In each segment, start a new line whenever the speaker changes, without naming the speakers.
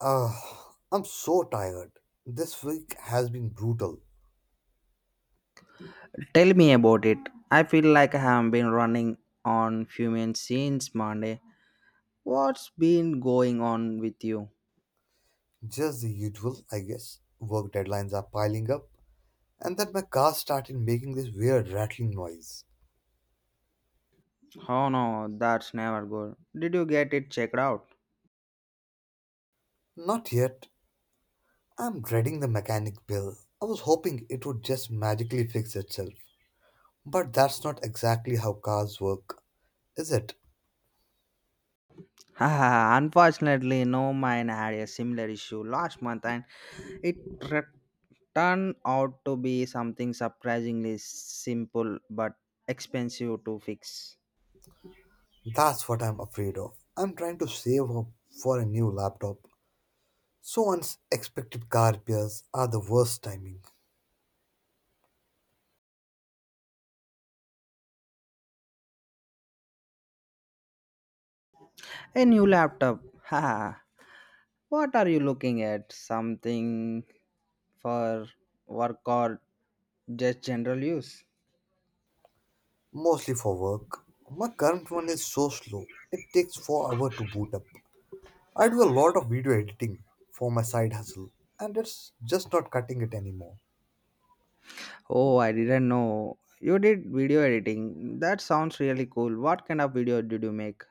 Ah, I'm so tired. This week has been brutal.
Tell me about it. I feel like I have been running on fumes since Monday. What's been going on with you?
Just the usual, I guess. Work deadlines are piling up, and then my car started making this weird rattling noise.
Oh no, that's never good. Did you get it checked out?
Not yet. I'm dreading the mechanic bill. I was hoping it would just magically fix itself. But that's not exactly how cars work, is it?
Haha, unfortunately, no, mine had a similar issue last month and it re- turned out to be something surprisingly simple but expensive to fix.
That's what I'm afraid of. I'm trying to save up for a new laptop. So unexpected car repairs are the worst timing.
A new laptop. Haha. What are you looking at? Something for work or just general use?
Mostly for work. My current one is so slow, it takes 4 hours to boot up. I do a lot of video editing for my side hustle, and it's just not cutting it anymore.
Oh, I didn't know. You did video editing. That sounds really cool. What kind of video did you make?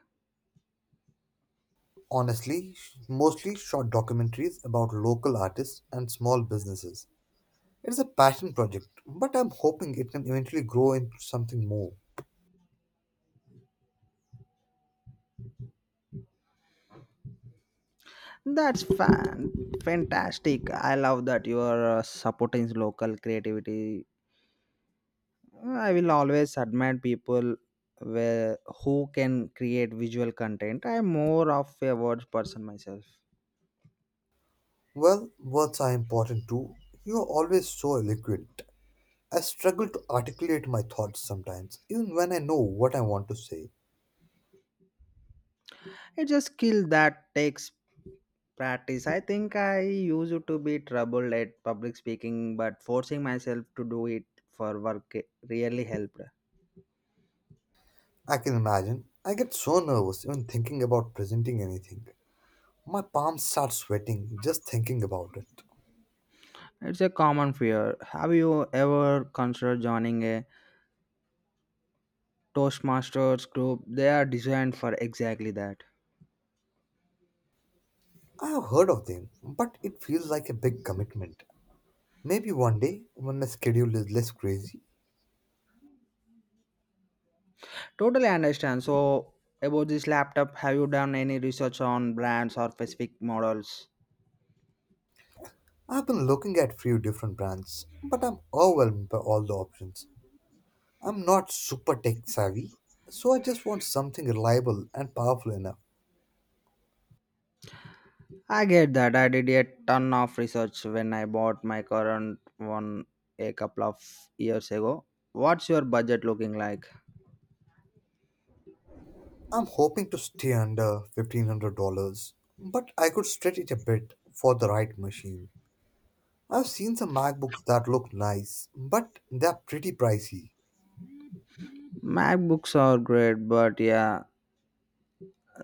Honestly, mostly short documentaries about local artists and small businesses. It's a passion project, but I'm hoping it can eventually grow into something more.
That's fan fantastic. I love that you are supporting local creativity. I will always admire people where, who can create visual content. I'm more of a words person myself.
Well, words are important too. You are always so eloquent. I struggle to articulate my thoughts sometimes, even when I know what I want to say.
It's a skill that takes practice. I think I used to be troubled at public speaking, but forcing myself to do it for work really helped.
I can imagine. I get so nervous even thinking about presenting anything. My palms start sweating just thinking about it.
It's a common fear. Have you ever considered joining a Toastmasters group? They are designed for exactly that.
I have heard of them, but it feels like a big commitment. Maybe one day, when my schedule is less crazy.
Totally understand. So, about this laptop, have you done any research on brands or specific models?
I've been looking at few different brands, but I'm overwhelmed by all the options. I'm not super tech savvy, so I just want something reliable and powerful enough.
I get that. I did a ton of research when I bought my current one a couple of years ago. What's your budget looking like?
I'm hoping to stay under $1500, but I could stretch it a bit for the right machine. I've seen some MacBooks that look nice, but they're pretty pricey.
MacBooks are great, but yeah,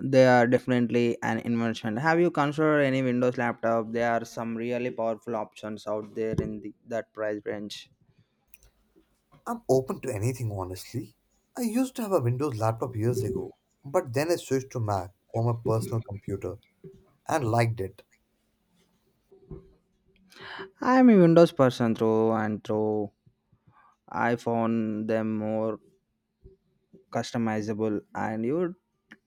they are definitely an investment. Have you considered any Windows laptop? There are some really powerful options out there in that price range.
I'm open to anything, honestly. I used to have a Windows laptop years ago, but then I switched to Mac for my personal computer and liked it.
I am a Windows person through and through. I found them more customizable, and you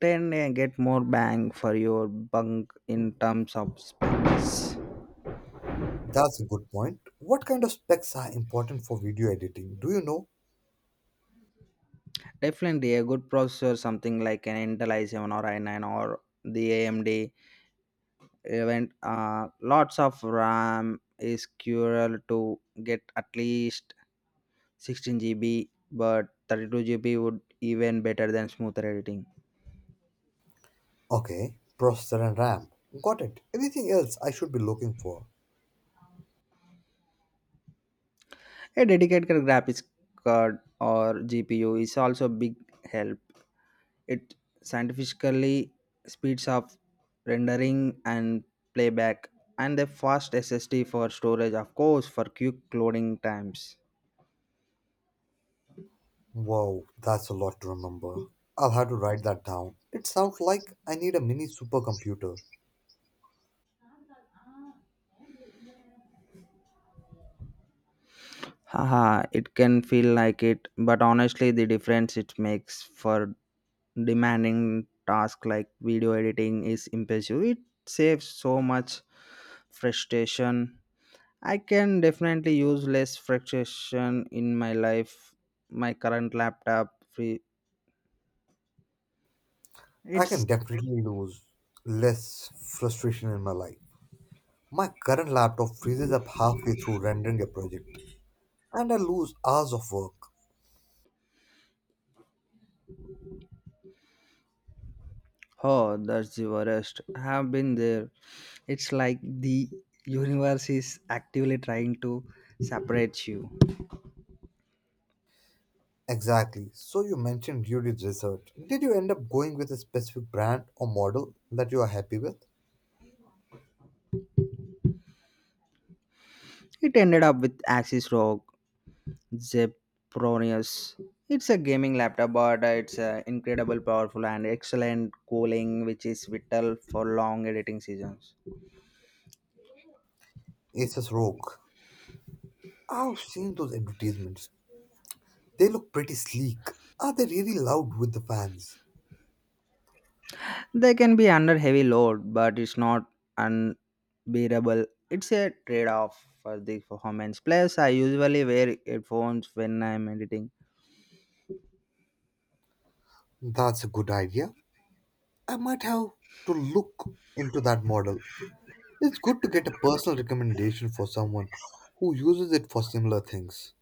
tend to get more bang for your bunk in terms of specs.
That's a good point. What kind of specs are important for video editing? Do you know?
Definitely a good processor, something like an intel i7 or i9, or the amd event lots of ram is crucial. To get at least 16 GB, but 32 GB would even better than smoother editing.
Okay, processor and RAM. Got it. Anything else I should be looking for?
A dedicated graphics card or gpu is also big help. It scientifically speeds up rendering and playback, and the fast SSD for storage, of course, for quick loading times.
Wow, that's a lot to remember. I'll have to write that down. It sounds like I need a mini supercomputer.
Haha, it can feel like it, but honestly, the difference it makes for demanding tasks like video editing is impressive. It saves so much frustration. I can definitely use less frustration in my life. My current laptop free.
I can
It's...
definitely lose less frustration in my life. My current laptop freezes up halfway through rendering a project, and I lose hours of work.
Oh, that's the worst. I've been there. It's like the universe is actively trying to separate you.
Exactly. So you mentioned you did research. Did you end up going with a specific brand or model that you are happy with?
It ended up with Axis Rock, Zepronius. It's a gaming laptop, but it's incredible, powerful, and excellent cooling, which is vital for long editing seasons.
Asus Rogue. I've seen those advertisements. They look pretty sleek. Are they really loud with the fans?
They can be under heavy load, but it's not unbearable. It's a trade-off for the performance. Plus, I usually wear headphones when I'm editing.
That's a good idea. I might have to look into that model. It's good to get a personal recommendation for someone who uses it for similar things.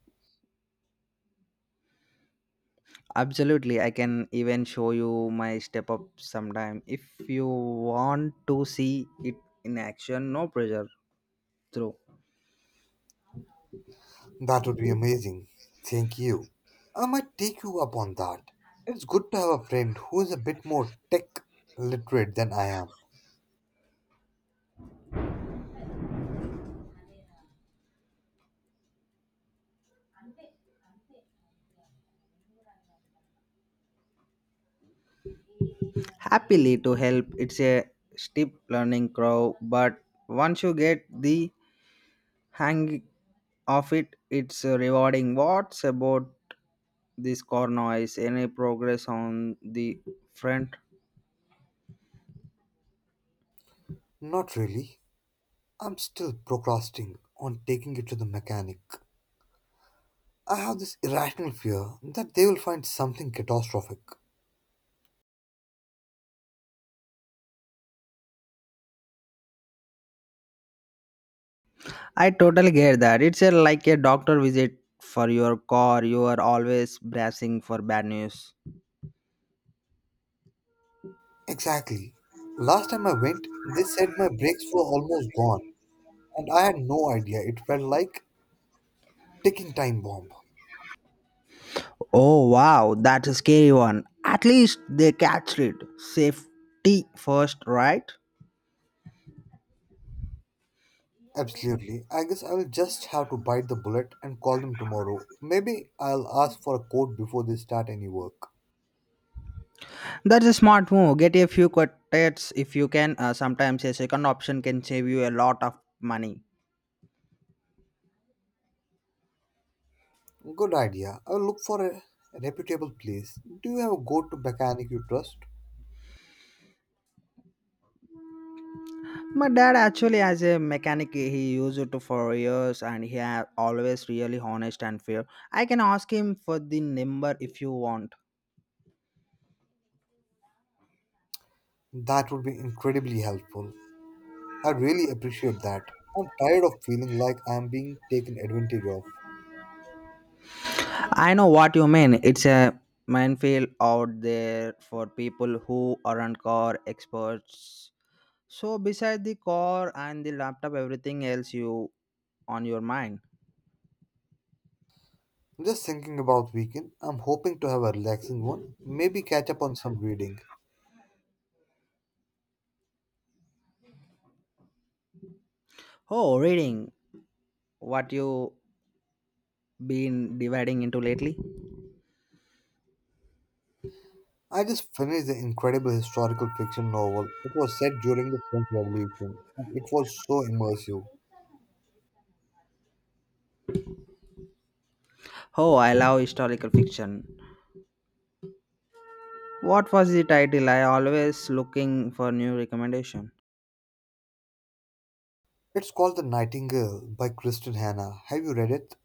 Absolutely, I can even show you my step up sometime if you want to see it in action. No pressure, through.
That would be amazing. Thank you. I might take you up on that. It's good to have a friend who is a bit more tech literate than I am.
Happily to help. It's a steep learning curve, but once you get the hang of it, it's rewarding. What's about this core noise? Any progress on the front?
Not really. I'm still procrastinating on taking it to the mechanic. I have this irrational fear that they will find something catastrophic.
I totally get that. It's a, like a doctor visit for your car. You are always bracing for bad news.
Exactly. Last time I went, they said my brakes were almost gone, and I had no idea. It felt like ticking time bomb.
Oh wow, that's a scary one. At least they catched it. Safety first, right?
Absolutely. I guess I'll just have to bite the bullet and call them tomorrow. Maybe I'll ask for a quote before they start any work.
That's a smart move. Get a few quartets if you can. Sometimes a second option can save you a lot of money.
Good idea. I'll look for a reputable place. Do you have a go to mechanic you trust?
My dad actually has a mechanic. He used it for years, and he has always really honest and fair. I can ask him for the number if you want.
That would be incredibly helpful. I really appreciate that. I'm tired of feeling like I'm being taken advantage of.
I know what you mean. It's a minefield out there for people who aren't car experts. So beside the car and the laptop, everything else you on your mind.
Just thinking about weekend, I'm hoping to have a relaxing one. Maybe catch up on some reading.
Oh, reading. What you been dividing into lately?
I just finished the incredible historical fiction novel. It was set during the French Revolution, and it was so immersive.
Oh, I love historical fiction. What was the title? I always looking for new recommendation.
It's called The Nightingale by Kristen Hannah. Have you read it?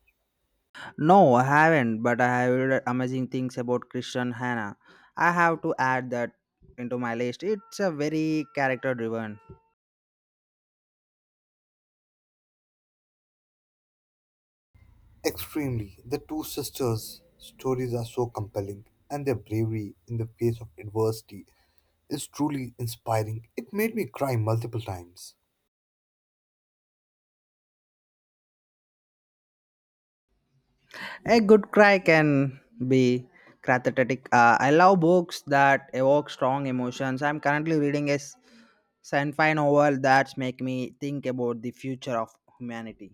No, I haven't, but I have read amazing things about Christian Hannah. I have to add that into my list. It's a very character driven.
Extremely. The two sisters' stories are so compelling, and their bravery in the face of adversity is truly inspiring. It made me cry multiple times.
A good cry can be cathartic. I love books that evoke strong emotions. I'm currently reading a sci-fi novel that's make me think about the future of humanity.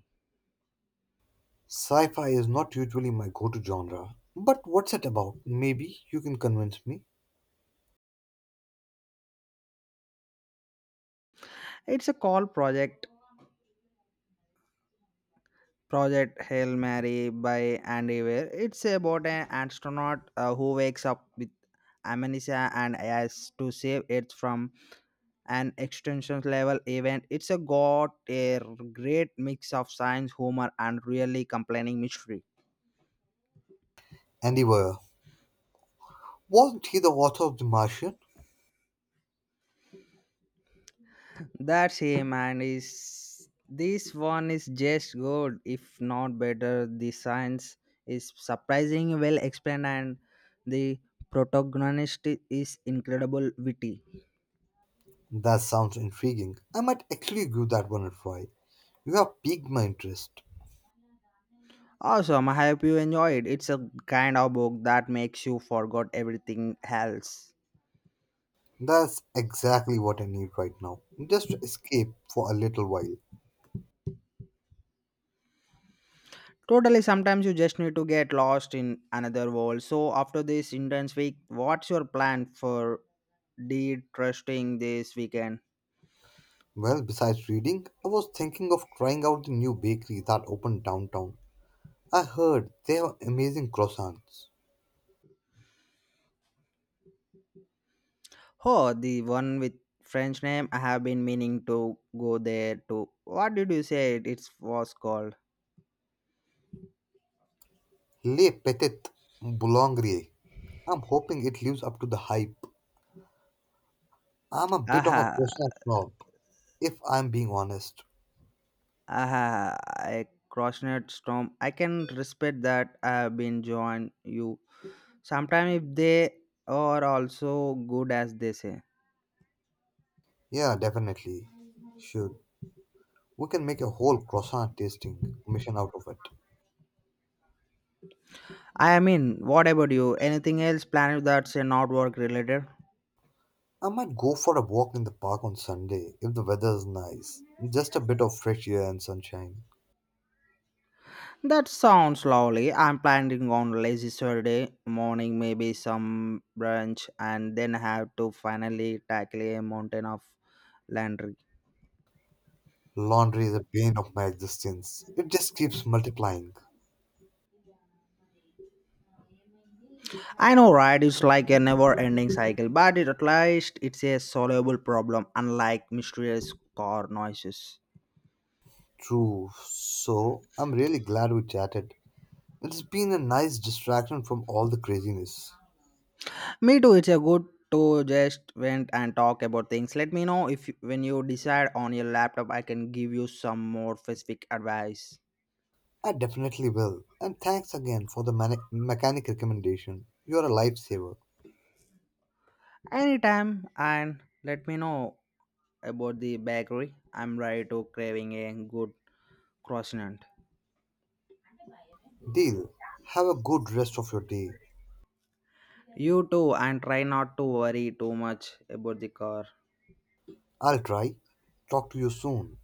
Sci fi is not usually my go to genre, but what's it about? Maybe you can convince me.
It's a call project, Project Hail Mary by Andy Weir. It's about an astronaut who wakes up with amnesia and has to save Earth from an extinction level event. It's a got a great mix of science, humor, and really complaining mystery.
Andy Weir. Wasn't he the author of The Martian?
That's him, and is this one is just good, if not better. The science is surprisingly well explained, and the protagonist is incredible witty.
That sounds intriguing. I might actually give that one a try. You have piqued my interest.
Awesome. I hope you enjoyed. It's a kind of book that makes you forget everything else.
That's exactly what I need right now. Just to escape for a little while.
Totally, sometimes you just need to get lost in another world. So, after this intense week, what's your plan for de trusting this weekend?
Well, besides reading, I was thinking of trying out the new bakery that opened downtown. I heard they have amazing croissants.
Oh, the one with French name. I have been meaning to go there too. What did you say it was called?
Les Petites Boulangries. I'm hoping it lives up to the hype. I'm a bit of a
Aha,
croissant snob, if I'm being honest.
aha, I crossnet storm. I can respect that. I have been joined you. Sometimes if they are also good as they say.
Yeah, definitely. Should. We can make a whole croissant tasting mission out of it.
I mean, what about you? Anything else planned that's not work related?
I might go for a walk in the park on Sunday if the weather is nice. Just a bit of fresh air and sunshine.
That sounds lovely. I'm planning on lazy Saturday morning, maybe some brunch, and then have to finally tackle a mountain of laundry.
Laundry is a pain of my existence. It just keeps multiplying.
I know, right? It's like a never-ending cycle, but at least it's a solvable problem, unlike mysterious car noises.
True. So, I'm really glad we chatted. It's been a nice distraction from all the craziness.
Me too. It's a good to just went and talk about things. Let me know if you- when you decide on your laptop, I can give you some more specific advice
I definitely will. And thanks again for the mechanic recommendation. You're a lifesaver.
anytime. And let me know about the bakery. I'm ready to craving a good croissant.
Deal. Have a good rest of your day.
You too, and try not to worry too much about the car.
I'll try. Talk to you soon.